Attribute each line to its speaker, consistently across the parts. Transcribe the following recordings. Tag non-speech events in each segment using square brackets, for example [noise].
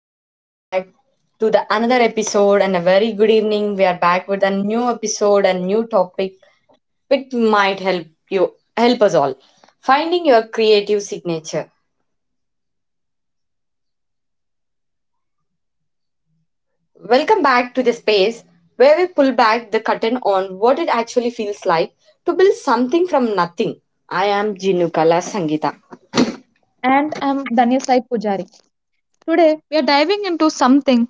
Speaker 1: and welcome back to the another episode and a very good evening. We are back with a new episode and new topic which might help you help us all. Finding your creative signature. Welcome back to the space where we pull back the curtain on what it actually feels like to build something from nothing. I am Jinukala Sangita.
Speaker 2: And I'm Daniel Sai Pujari. Today, we are diving into something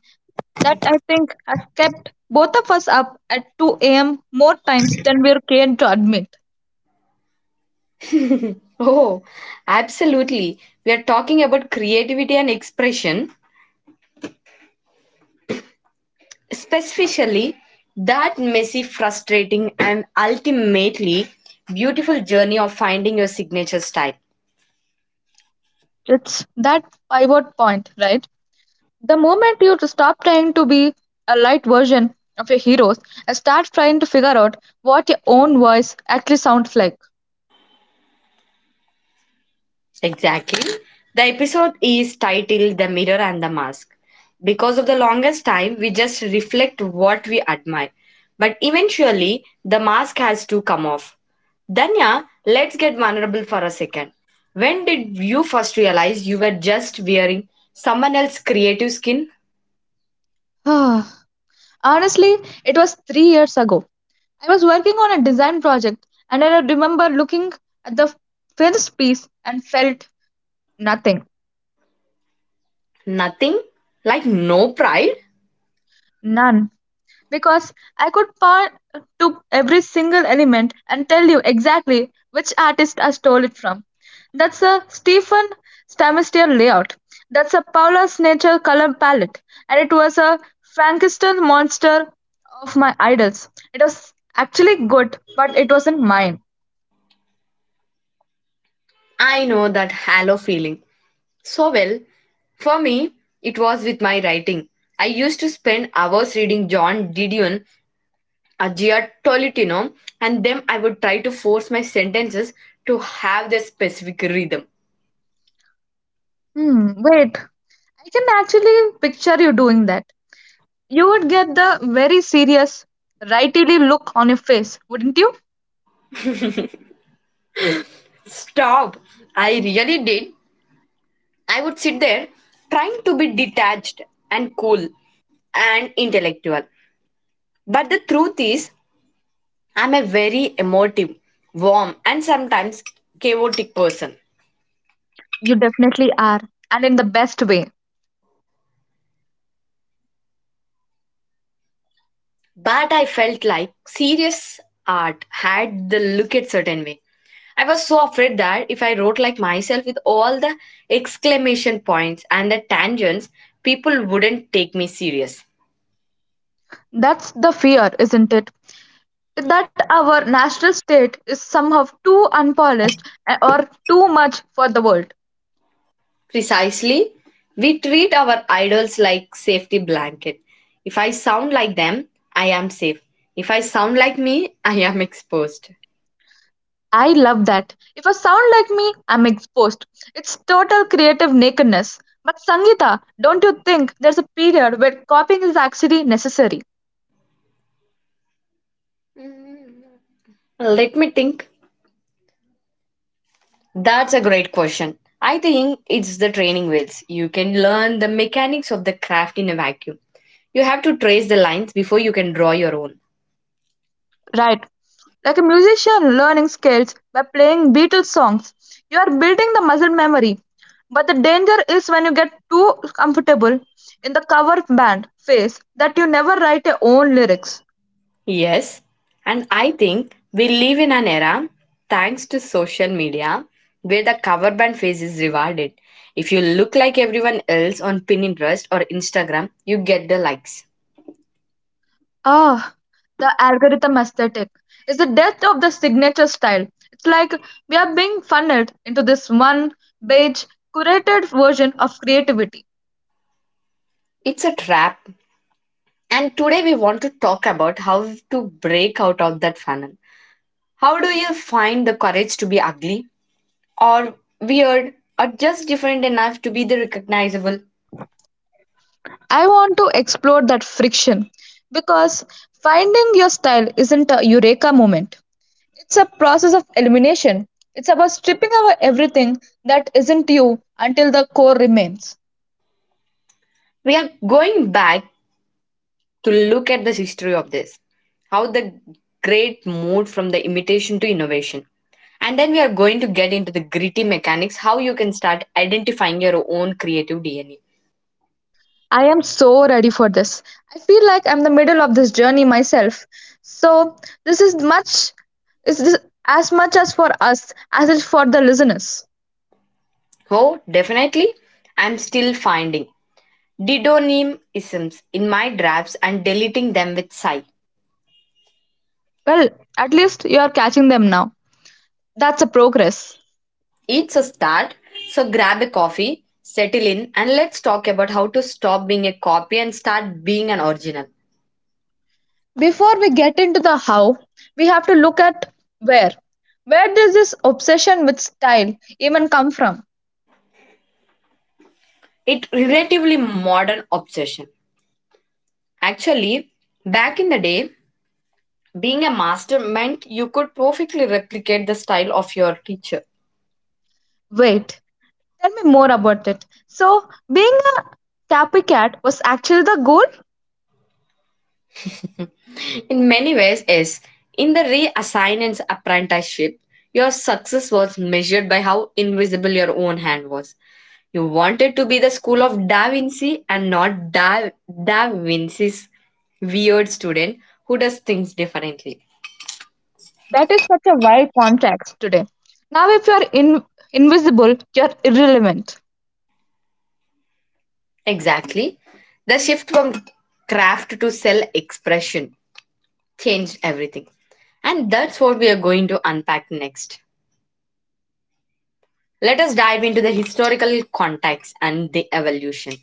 Speaker 2: that I think has kept both of us up at 2 a.m. more times than we're keen to admit.
Speaker 1: [laughs] Oh, absolutely. We are talking about creativity and expression, specifically, that messy, frustrating, and ultimately beautiful journey of finding your signature style.
Speaker 2: It's that pivot point, right? The moment you stop trying to be a light version of your heroes and start trying to figure out what your own voice actually sounds like.
Speaker 1: Exactly. The episode is titled The Mirror and the Mask. Because of the longest time, we just reflect what we admire. But eventually, the mask has to come off. Danya, let's get vulnerable for a second. When did you first realize you were just wearing someone else's creative skin?
Speaker 2: [sighs] Honestly, it was 3 years ago. I was working on a design project and I remember looking at the finished piece and felt nothing.
Speaker 1: Nothing? Like no pride?
Speaker 2: None. Because I could point to every single element and tell you exactly which artist I stole it from. That's a Stephen Stamester layout. That's a Paula Nature color palette. And it was a Frankenstein monster of my idols. It was actually good, but it wasn't mine.
Speaker 1: I know that hollow feeling so well. For me, it was with my writing. I used to spend hours reading John Didion, Agia Tolentino, and then I would try to force my sentences to have their specific rhythm.
Speaker 2: Hmm, wait. I can actually picture you doing that. You would get the very serious, rightily look on your face, wouldn't you?
Speaker 1: Stop! I really did. I would sit there trying to be detached and cool and intellectual. But the truth is, I'm a very emotive, warm, and sometimes chaotic person.
Speaker 2: You definitely are, and in the best way.
Speaker 1: But I felt like serious art had the look at certain way. I was so afraid that if I wrote like myself with all the exclamation points and the tangents, people wouldn't take me serious.
Speaker 2: That's the fear, isn't it? That our national state is somehow too unpolished or too much for the world.
Speaker 1: Precisely, we treat our idols like safety blanket. If I sound like them, I am safe. If I sound like me, I am [laughs] exposed.
Speaker 2: I love that. If I sound like me, I'm exposed. It's total creative nakedness. But Sangeeta, don't you think there's a period where copying is actually necessary?
Speaker 1: Let me think. That's a great question. I think it's the training wheels. You can learn the mechanics of the craft in a vacuum. You have to trace the lines before you can draw your own.
Speaker 2: Right. Like a musician learning scales by playing Beatles songs, you are building the muscle memory. But the danger is when you get too comfortable in the cover band phase that you never write your own lyrics.
Speaker 1: Yes, and I think we live in an era, thanks to social media, where the cover band phase is rewarded. If you look like everyone else on Pinterest or Instagram, you get the likes.
Speaker 2: Ah, the algorithm aesthetic is the death of the signature style. It's like we are being funneled into this one beige, curated version of creativity.
Speaker 1: It's a trap. And today we want to talk about how to break out of that funnel. How do you find the courage to be ugly? Or weird or just different enough to be the recognizable.
Speaker 2: I want to explore that friction because finding your style isn't a eureka moment. It's a process of elimination. It's about stripping away everything that isn't you until the core remains.
Speaker 1: We are going back to look at the history of this, how the great moved from the imitation to innovation. And then we are going to get into the gritty mechanics, how you can start identifying your own creative DNA.
Speaker 2: I am so ready for this. I feel like I'm the middle of this journey myself. So this is much is this as much as for us as it's for the listeners.
Speaker 1: Oh, definitely, I'm still finding didonymisms in my drafts and deleting them with sigh.
Speaker 2: Well, at least you are catching them now. That's a progress.
Speaker 1: It's a start, so grab a coffee, settle in, and let's talk about how to stop being a copy and start being an original.
Speaker 2: Before we get into the how, we have to look at where. Where does this obsession with style even come from?
Speaker 1: It relatively modern obsession. Actually, back in the day, being a master meant you could perfectly replicate the style of your teacher.
Speaker 2: Wait, tell me more about it. So, being a copycat was actually the goal?
Speaker 1: In many ways, yes. In the reassignance apprenticeship, your success was measured by how invisible your own hand was. You wanted to be the school of Da Vinci and not da Vinci's weird student who does things differently.
Speaker 2: That is such a wide context today. Now, if you are invisible, you're irrelevant.
Speaker 1: Exactly. The shift from craft to self expression changed everything. And that's what we are going to unpack next. Let us dive into the historical context and the evolution.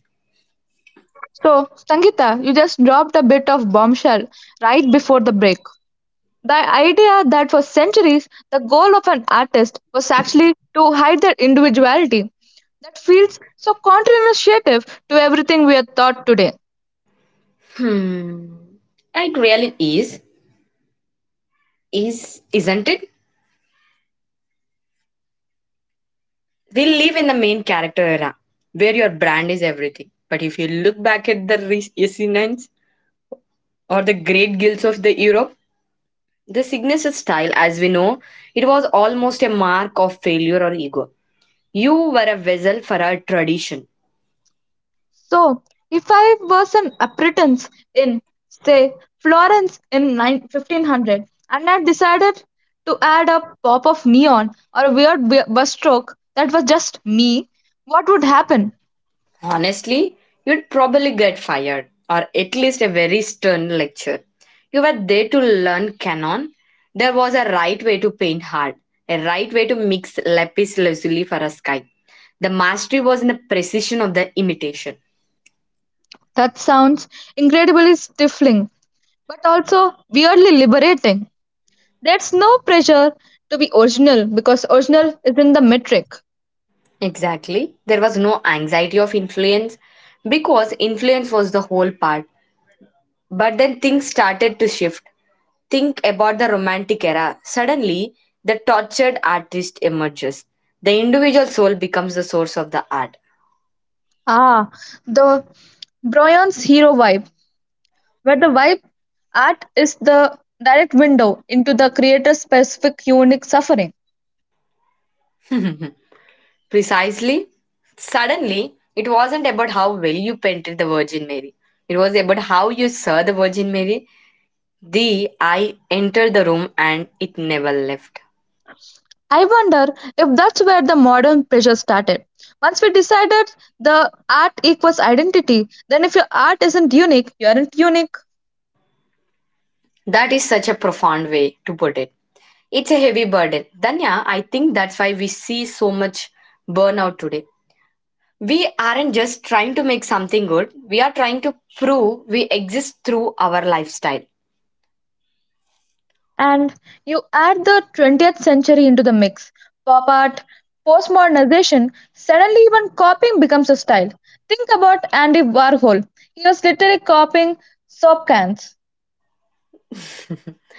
Speaker 2: So, Sangeeta, you just dropped a bit of bombshell right before the break. The idea that for centuries the goal of an artist was actually to hide their individuality that feels so counterintuitive to everything we are taught today.
Speaker 1: Hmm. It really is. Isn't it? We'll leave in the main character era, where your brand is everything. But if you look back at the Essenes or the great guilds of the Europe, the Cygnus style, as we know, it was almost a mark of failure or ego. You were a vessel for a tradition.
Speaker 2: So, if I was an apprentice in, say, Florence in 9 1500 and I decided to add a pop of neon or a weird bus stroke that was just me, what would happen?
Speaker 1: Honestly, you'd probably get fired, or at least a very stern lecture. You were there to learn canon. There was a right way to paint hard, a right way to mix lapis lazuli for a sky. The mastery was in the precision of the imitation.
Speaker 2: That sounds incredibly stifling, but also weirdly liberating. There's no pressure to be original because original isn't the metric.
Speaker 1: Exactly. There was no anxiety of influence because influence was the whole part. But then things started to shift. Think about the Romantic era. Suddenly, the tortured artist emerges. The individual soul becomes the source of the art.
Speaker 2: Ah, the Bryant's hero vibe, where the vibe art is the direct window into the creator's specific unique suffering.
Speaker 1: [laughs] Precisely. Suddenly, it wasn't about how well you painted the Virgin Mary. It was about how you saw the Virgin Mary. The eye entered the room and it never left.
Speaker 2: I wonder if that's where the modern pressure started. Once we decided the art equals identity, then if your art isn't unique, you aren't unique.
Speaker 1: That is such a profound way to put it. It's a heavy burden. Danya, I think that's why we see so much burnout today. We aren't just trying to make something good, we are trying to prove we exist through our lifestyle.
Speaker 2: And you add the 20th century into the mix pop art, postmodernization, suddenly even copying becomes a style. Think about Andy Warhol. He was literally copying soap cans.
Speaker 1: [laughs]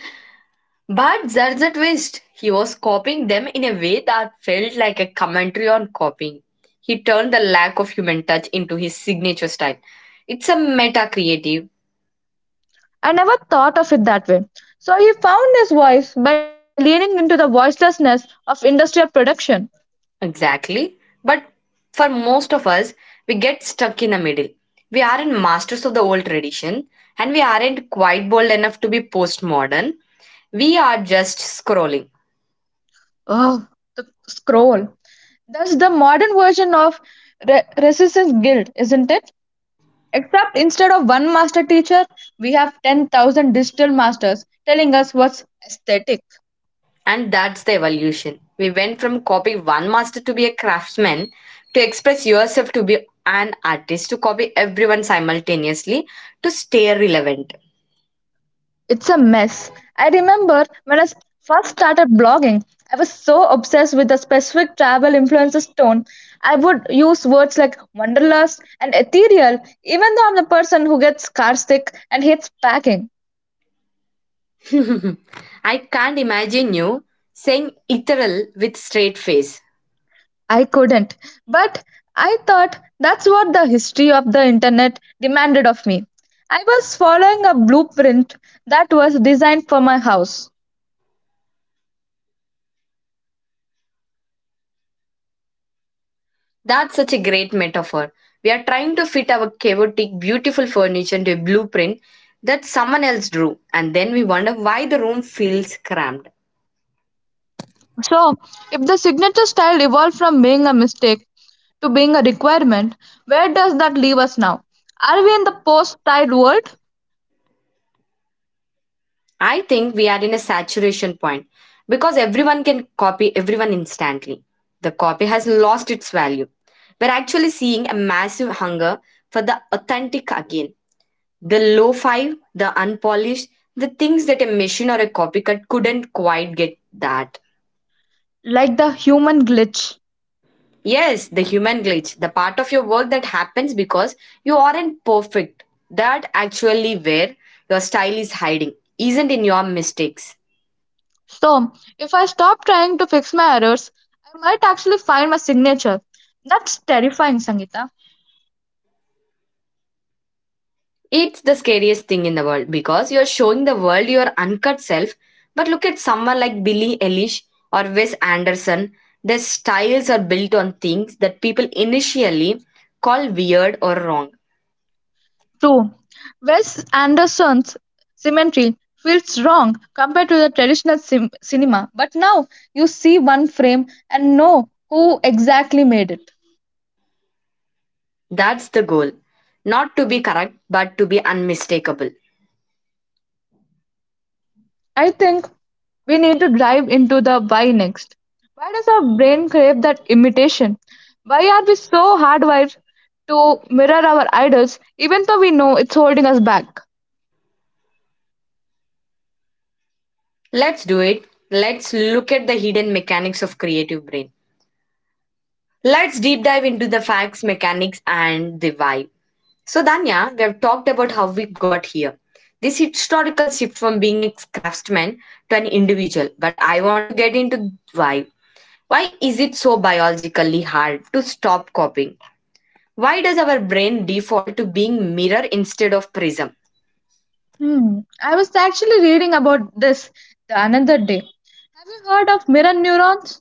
Speaker 1: But there's a twist. He was copying them in a way that felt like a commentary on copying. He turned the lack of human touch into his signature style. It's a meta creative,
Speaker 2: I never thought of it that way. So he found his voice by leaning into the voicelessness of industrial production.
Speaker 1: exactly. But for most of us, we get stuck in the middle. We aren't masters of the old tradition, and we aren't quite bold enough to be postmodern. We are just scrolling.
Speaker 2: Oh, the scroll. That's the modern version of resistance guild, isn't it? Except instead of one master teacher, we have 10,000 digital masters telling us what's aesthetic.
Speaker 1: And that's the evolution. We went from copying one master to be a craftsman, to express yourself to be an artist, to copy everyone simultaneously, to stay relevant.
Speaker 2: It's a mess. I remember when I first started blogging, I was so obsessed with the specific travel influencer's tone. I would use words like wanderlust and ethereal, even though I'm the person who gets car sick and hates packing.
Speaker 1: [laughs] I can't imagine you saying ethereal with straight face.
Speaker 2: I couldn't, but I thought that's what the history of the internet demanded of me. I was following a blueprint that was designed for my house.
Speaker 1: That's such a great metaphor. We are trying to fit our chaotic, beautiful furniture into a blueprint that someone else drew, and then we wonder why the room feels cramped.
Speaker 2: So, if the signature style evolved from being a mistake to being a requirement, where does that leave us now? Are we in the post tide world?
Speaker 1: I think we are in a saturation point because everyone can copy everyone instantly. The copy has lost its value. We're actually seeing a massive hunger for the authentic again. The low five, the unpolished, the things that a machine or a copycat couldn't quite get that.
Speaker 2: Like the human glitch.
Speaker 1: Yes, the human glitch, the part of your work that happens because you aren't perfect. That actually where your style is hiding, isn't in your mistakes.
Speaker 2: So, if I stop trying to fix my errors, I might actually find my signature. That's terrifying, Sangeeta.
Speaker 1: It's the scariest thing in the world because you're showing the world your uncut self. But look at someone like Billie Eilish or Wes Anderson. Their styles are built on things that people initially call weird or wrong.
Speaker 2: True, Wes Anderson's Cemetery feels wrong compared to the traditional cinema, but now you see one frame and know who exactly made it.
Speaker 1: That's the goal. Not to be correct, but to be unmistakable.
Speaker 2: I think we need to dive into the why next. Why does our brain crave that imitation? Why are we so hardwired to mirror our idols even though we know it's holding us back?
Speaker 1: Let's do it. Let's look at the hidden mechanics of creative brain. Let's deep dive into the facts, mechanics, and the vibe. So, Danya, we have talked about how we got here. This historical shift from being a craftsman to an individual, but I want to get into why. Why is it so biologically hard to stop copying? Why does our brain default to being mirror instead of prism?
Speaker 2: Hmm. I was actually reading about this the another day. Have you heard of mirror neurons?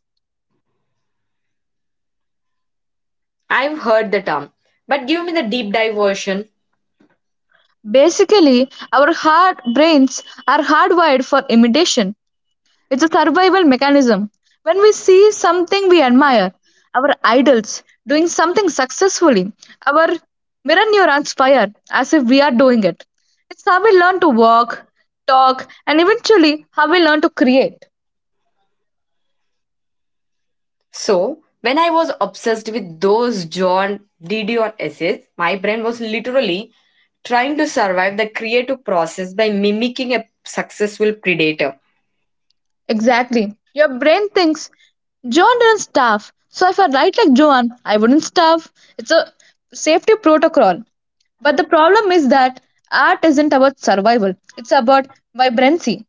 Speaker 1: I've heard the term, but give me the deep dive version.
Speaker 2: Basically, our heart brains are hardwired for imitation. It's a survival mechanism. When we see something we admire, our idols doing something successfully, our mirror neurons fire as if we are doing it. It's how we learn to walk, talk, and eventually how we learn to create.
Speaker 1: So, when I was obsessed with those John Didion essays, my brain was literally trying to survive the creative process by mimicking a successful predator.
Speaker 2: Exactly. Your brain thinks Joan didn't starve, so if I write like Joan, I wouldn't starve. It's a safety protocol. But the problem is that art isn't about survival, it's about vibrancy.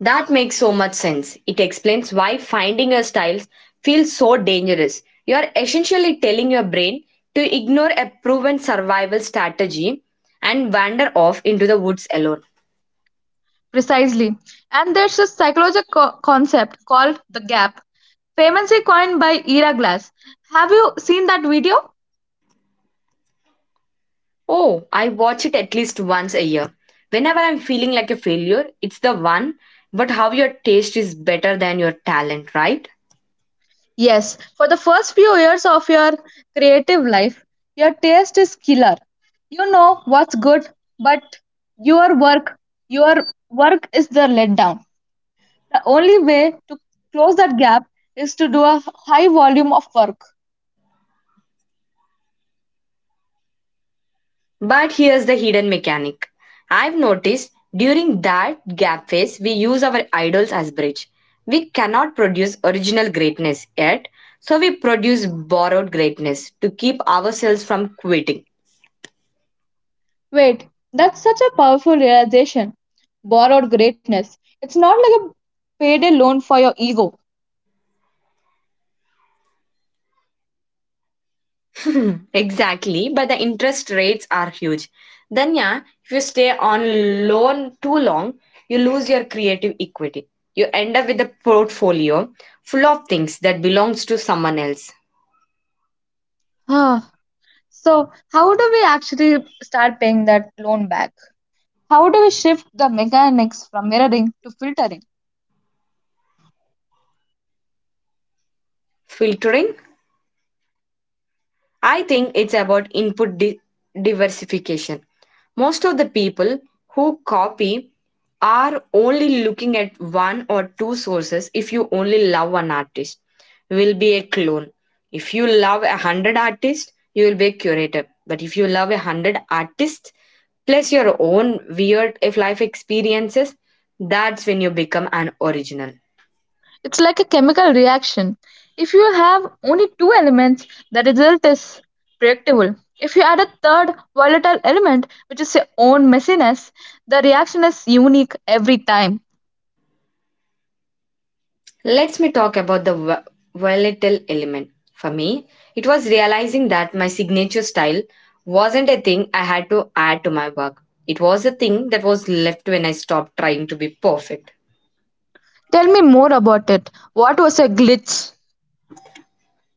Speaker 1: That makes so much sense. It explains why finding a style feels so dangerous. You are essentially telling your brain to ignore a proven survival strategy and wander off into the woods alone.
Speaker 2: Precisely. And there's a psychological concept called the gap, famously coined by Ira Glass. Have you seen that video?
Speaker 1: Oh, I watch it at least once a year. Whenever I'm feeling like a failure, it's the one, but how your taste is better than your talent, right?
Speaker 2: Yes, for the first few years of your creative life, your taste is killer. You know what's good, but your work, your work is the letdown. The only way to close that gap is to do a high volume of work.
Speaker 1: But here's the hidden mechanic. I've noticed during that gap phase, we use our idols as bridge. We cannot produce original greatness yet, so we produce borrowed greatness to keep ourselves from quitting.
Speaker 2: Wait, that's such a powerful realization. Borrowed greatness. It's not like a payday loan for your ego.
Speaker 1: [laughs] [clears throat] Exactly, but the interest rates are huge. Then, yeah, if you stay on loan too long, you lose your creative equity. You end up with a portfolio full of things that belongs to someone else.
Speaker 2: Ah, so how do we actually start paying that loan back? How do we shift the mechanics from mirroring to filtering?
Speaker 1: Filtering? I think it's about input diversification. Most of the people who copy are only looking at 1 or 2 sources. If you only love one artist, you will be a clone. If you love 100 artists, you will be a curator. But if you love a hundred artists plus your own weird if life experiences, that's when you become an original.
Speaker 2: It's like a chemical reaction. If you have only two elements, the result is predictable. If you add a third volatile element, which is your own messiness, the reaction is unique every time.
Speaker 1: Let us me talk about the volatile element. For me, it was realizing that my signature style wasn't a thing I had to add to my work. It was a thing that was left when I stopped trying to be perfect.
Speaker 2: Tell me more about it. What was your glitch?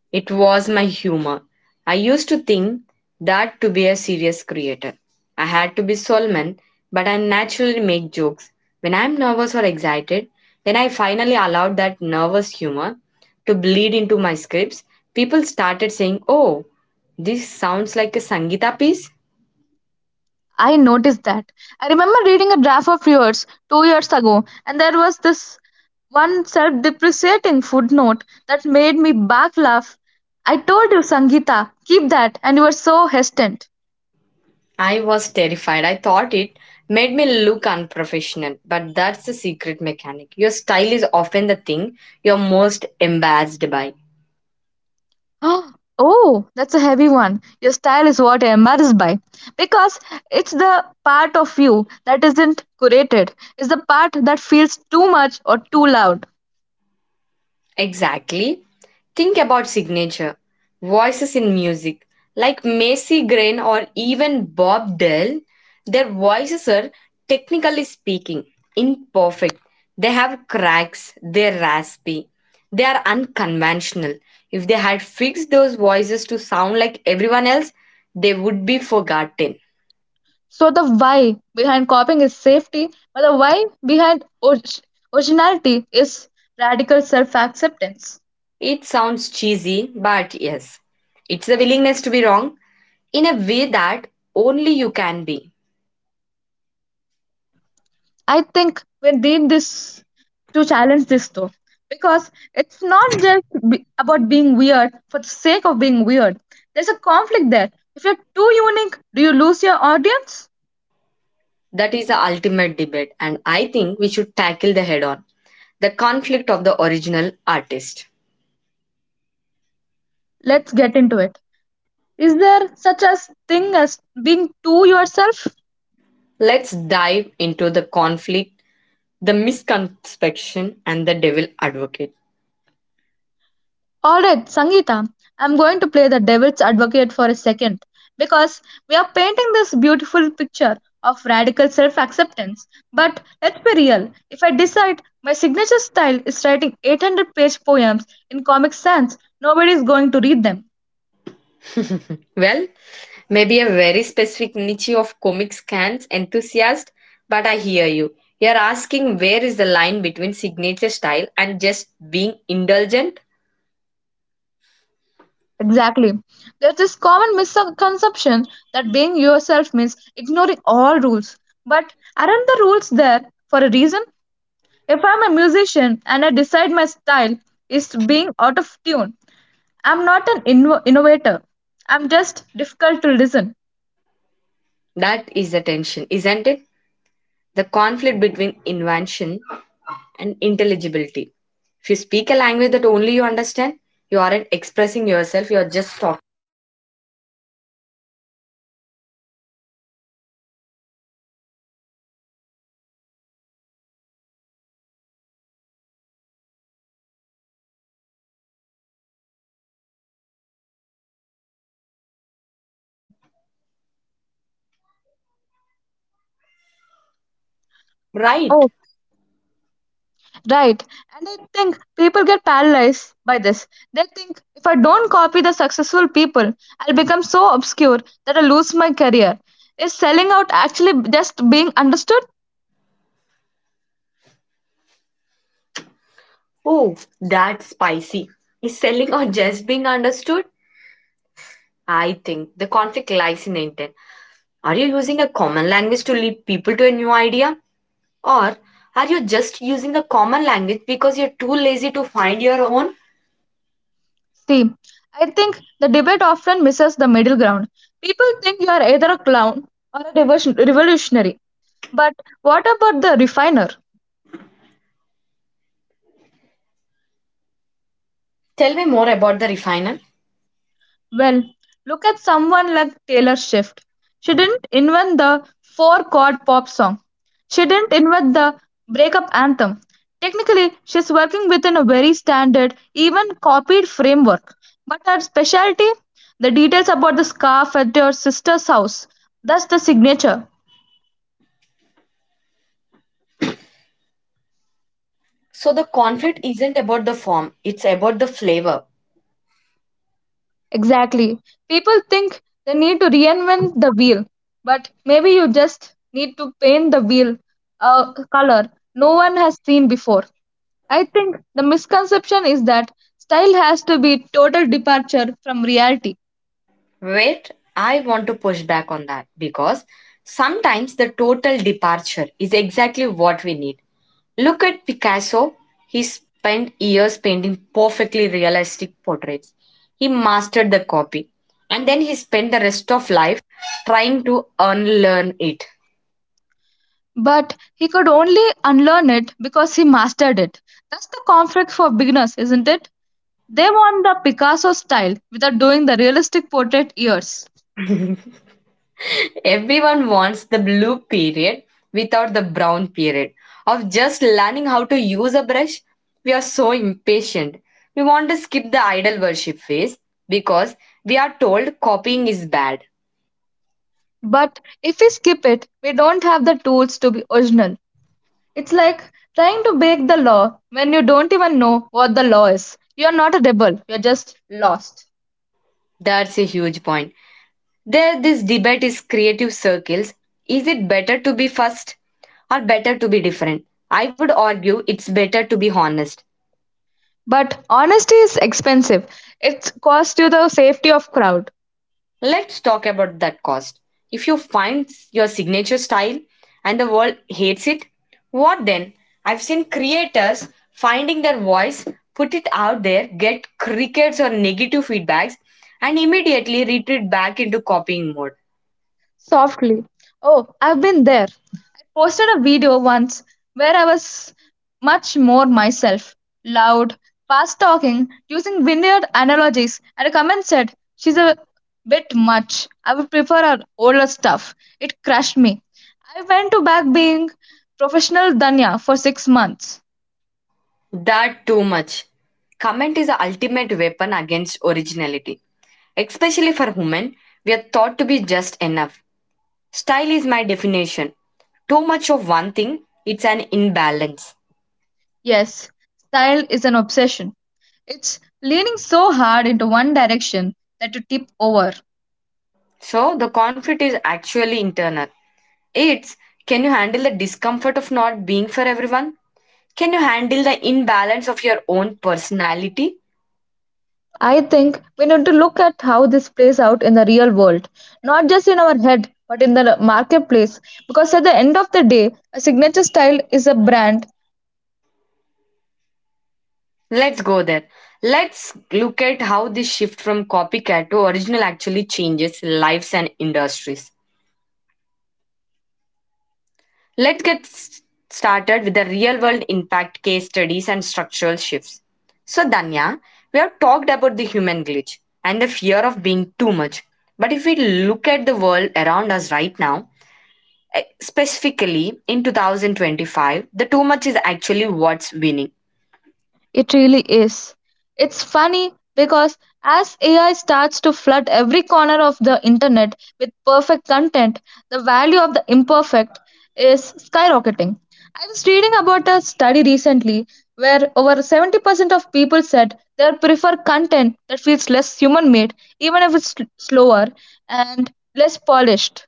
Speaker 1: It was my humor. I used to think that to be a serious creator, I had to be solemn, but I naturally make jokes. When I'm nervous or excited, when I finally allowed that nervous humor to bleed into my scripts, people started saying, "Oh, this sounds like a Sangita piece."
Speaker 2: I noticed that. I remember reading a draft of yours 2 years ago, and there was this one self depreciating footnote that made me back laugh. I told you, Sangeeta, keep that, and you were so hesitant.
Speaker 1: I was terrified. I thought it made me look unprofessional, but that's the secret mechanic. Your style is often the thing you're most embarrassed by.
Speaker 2: [gasps] Oh, that's a heavy one. Your style is what I'm embarrassed by. Because it's the part of you that isn't curated, it's the part that feels too much or too loud.
Speaker 1: Exactly. Think about signature voices in music, like Macy Gray or even Bob Dylan. Their voices are, technically speaking, imperfect. They have cracks, they're raspy, they are unconventional. If they had fixed those voices to sound like everyone else, they would be forgotten.
Speaker 2: So the why behind copying is safety, but the why behind originality is radical self-acceptance.
Speaker 1: It sounds cheesy, but yes, it's the willingness to be wrong in a way that only you can be.
Speaker 2: I think we need this to challenge this though, because it's not just about being weird for the sake of being weird. There's a conflict there. If you're too unique, do you lose your audience?
Speaker 1: That is the ultimate debate, and I think we should tackle the head on the conflict of the original artist.
Speaker 2: Let's get into it. Is there such a thing as being too yourself?
Speaker 1: Let's dive into the conflict, the misconception, and the devil advocate.
Speaker 2: Alright, Sangeeta, I'm going to play the devil's advocate for a second because we are painting this beautiful picture of radical self acceptance. But let's be real, if I decide my signature style is writing 800-page poems in comic sans, nobody is going to read them.
Speaker 1: [laughs] Well, maybe a very specific niche of comic scans enthusiast, but I hear you. You're asking where is the line between signature style and just being indulgent?
Speaker 2: Exactly. There's this common misconception that being yourself means ignoring all rules. But aren't the rules there for a reason? If I'm a musician and I decide my style is being out of tune, I'm not an innovator. I'm just difficult to listen.
Speaker 1: That is the tension, isn't it? The conflict between invention and intelligibility. If you speak a language that only you understand, you aren't expressing yourself, you're just talking. Right.
Speaker 2: Oh, right. And I think people get paralyzed by this. They think if I don't copy the successful people, I'll become so obscure that I lose my career. Is selling out actually just being understood?
Speaker 1: Oh, that's spicy. Is selling or just being understood? I think the conflict lies in the intent. Are you using a common language to lead people to a new idea? Or are you just using the common language because you're too lazy to find your own?
Speaker 2: See, I think the debate often misses the middle ground. People think you are either a clown or a revolutionary. But what about the refiner?
Speaker 1: Tell me more about the refiner.
Speaker 2: Well, look at someone like Taylor Swift. She didn't invent the four chord pop song, she didn't invent the breakup anthem. Technically, she's working within a very standard, even copied framework. But her specialty? The details about the scarf at your sister's house. That's the signature.
Speaker 1: So, the conflict isn't about the form, it's about the flavor.
Speaker 2: Exactly. People think they need to reinvent the wheel, but maybe you just need to paint the wheel a color no one has seen before. I think the misconception is that style has to be total departure from reality,
Speaker 1: Wait, I want to push back on that because sometimes the total departure is exactly what we need. Look at Picasso. He spent years painting perfectly realistic portraits. He mastered the copy, and then he spent the rest of life trying to unlearn it.
Speaker 2: but he could only unlearn it because he mastered it. That's the conflict for beginners, isn't it? They want the Picasso style without doing the realistic portrait years.
Speaker 1: [laughs] Everyone wants the blue period without the brown period of just learning how to use a brush. We are so impatient. We want to skip the idol worship phase because we are told copying is bad.
Speaker 2: But if we skip it, we don't have the tools to be original. It's like trying to break the law when you don't even know what the law is. You're not a rebel, you're just lost.
Speaker 1: That's a huge point. There, this debate is creative circles. Is it better to be first or better to be different? I would argue it's better to be honest.
Speaker 2: But honesty is expensive. It costs you the safety of crowd.
Speaker 1: Let's talk about that cost. If you find your signature style and the world hates it, what then? I've seen creators finding their voice, put it out there, get crickets or negative feedbacks, and immediately retreat back into copying mode.
Speaker 2: Softly. Oh, I've been there. I posted a video once where I was much more myself, loud, fast talking, using vineyard analogies, and a comment said, "She's a bit much. I would prefer her older stuff." It crushed me. I went to back being professional Danya for 6 months.
Speaker 1: That too much. Comment is the ultimate weapon against originality. Especially for women, we are thought to be just enough. Style is my definition. Too much of one thing, it's an imbalance.
Speaker 2: Yes, style is an obsession. It's leaning so hard into one direction that you tip over.
Speaker 1: So the conflict is actually internal. It's, can you handle the discomfort of not being for everyone? Can you handle the imbalance of your own personality?
Speaker 2: I think we need to look at how this plays out in the real world, not just in our head, but in the marketplace. Because at the end of the day, a signature style is a brand.
Speaker 1: Let's go there. Let's look at how this shift from copycat to original actually changes lives and industries. Let's get s- started with the real world impact case studies and structural shifts. So, Danya, we have talked about the human glitch and the fear of being too much. But if we look at the world around us right now, specifically in 2025, the too much is actually what's winning.
Speaker 2: It really is. It's funny because as AI starts to flood every corner of the internet with perfect content, the value of the imperfect is skyrocketing. I was reading about a study recently where over 70% of people said they prefer content that feels less human made, even if it's slower and less polished.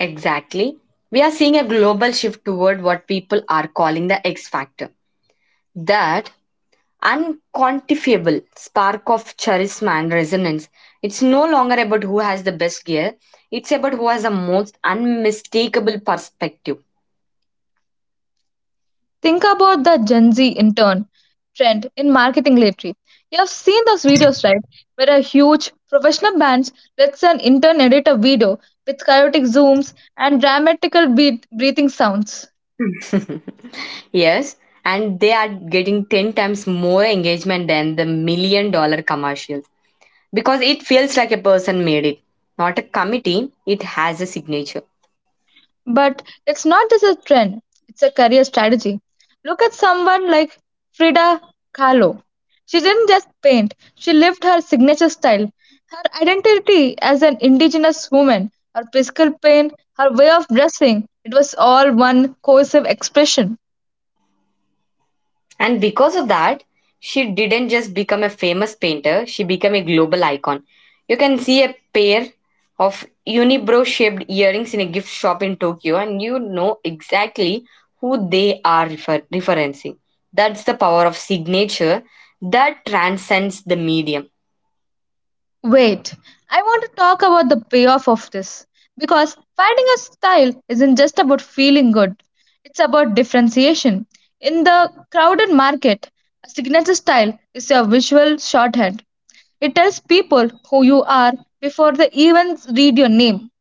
Speaker 1: Exactly. We are seeing a global shift toward what people are calling the X factor. That unquantifiable spark of charisma and resonance. It's no longer about who has the best gear, it's about who has the most unmistakable perspective.
Speaker 2: Think about the Gen Z intern trend in marketing lately. You have seen those videos, right? Where a huge professional band lets an intern edit a video with chaotic zooms and dramatical beat breathing sounds.
Speaker 1: [laughs] Yes, and they are getting 10 times more engagement than the million-dollar commercials because it feels like a person made it, not a committee. It has a signature.
Speaker 2: But it's not just a trend, it's a career strategy. Look at someone like Frida Kahlo. She didn't just paint, she lived her signature style. Her identity as an indigenous woman, her physical pain, her way of dressing, it was all one cohesive expression.
Speaker 1: And because of that, she didn't just become a famous painter, she became a global icon. You can see a pair of unibrow shaped earrings in a gift shop in Tokyo, and you know exactly who they are referencing. That's the power of signature that transcends the medium.
Speaker 2: Wait, I want to talk about the payoff of this because finding a style isn't just about feeling good, it's about differentiation. In the crowded market, a signature style is your visual shorthand. It tells people who you are before they even read your name.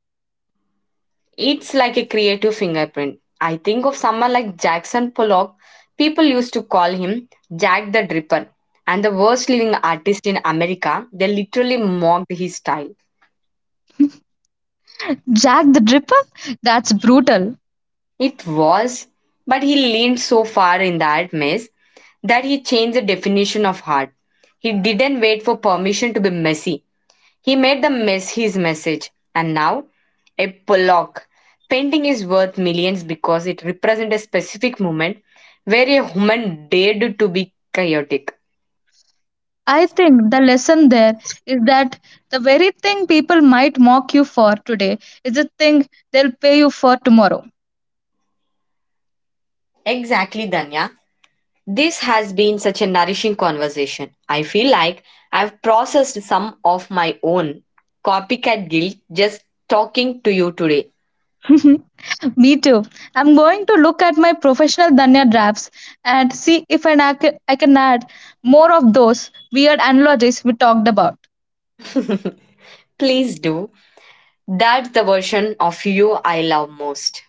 Speaker 1: It's like a creative fingerprint. I think of someone like Jackson Pollock. People used to call him Jack the Dripper and the worst living artist in America. They literally mocked his style.
Speaker 2: Jack the Dripper? That's brutal.
Speaker 1: It was, but he leaned so far in that mess that he changed the definition of art. He didn't wait for permission to be messy. He made the mess his message, and now a Pollock painting is worth millions because it represents a specific moment where a human dared to be chaotic.
Speaker 2: I think the lesson there is that the very thing people might mock you for today is the thing they'll pay you for tomorrow.
Speaker 1: Exactly, Danya. This has been such a nourishing conversation. I feel like I've processed some of my own copycat guilt just talking to you today.
Speaker 2: [laughs] Me too. I'm going to look at my professional Danya drafts and see if an I can add more of those weird analogies we talked about.
Speaker 1: [laughs] Please do. That's the version of you I love most.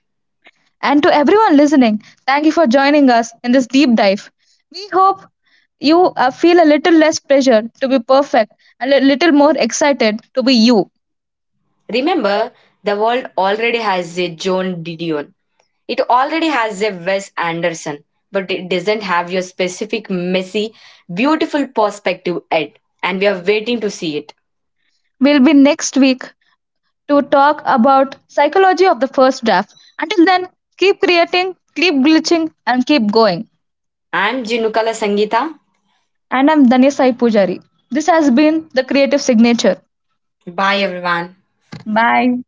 Speaker 2: And to everyone listening, thank you for joining us in this deep dive. We hope you feel a little less pressure to be perfect and a little more excited to be you.
Speaker 1: Remember, the world already has a John Didion. It already has a Wes Anderson, but it doesn't have your specific messy, beautiful perspective yet. And we are waiting to see it.
Speaker 2: We'll be next week to talk about psychology of the first draft. Until then, keep creating, keep glitching and keep going.
Speaker 1: I'm Jinukala Sangita.
Speaker 2: And I'm Danya Sai Pujari. This has been The Creative Signature.
Speaker 1: Bye everyone.
Speaker 2: Bye.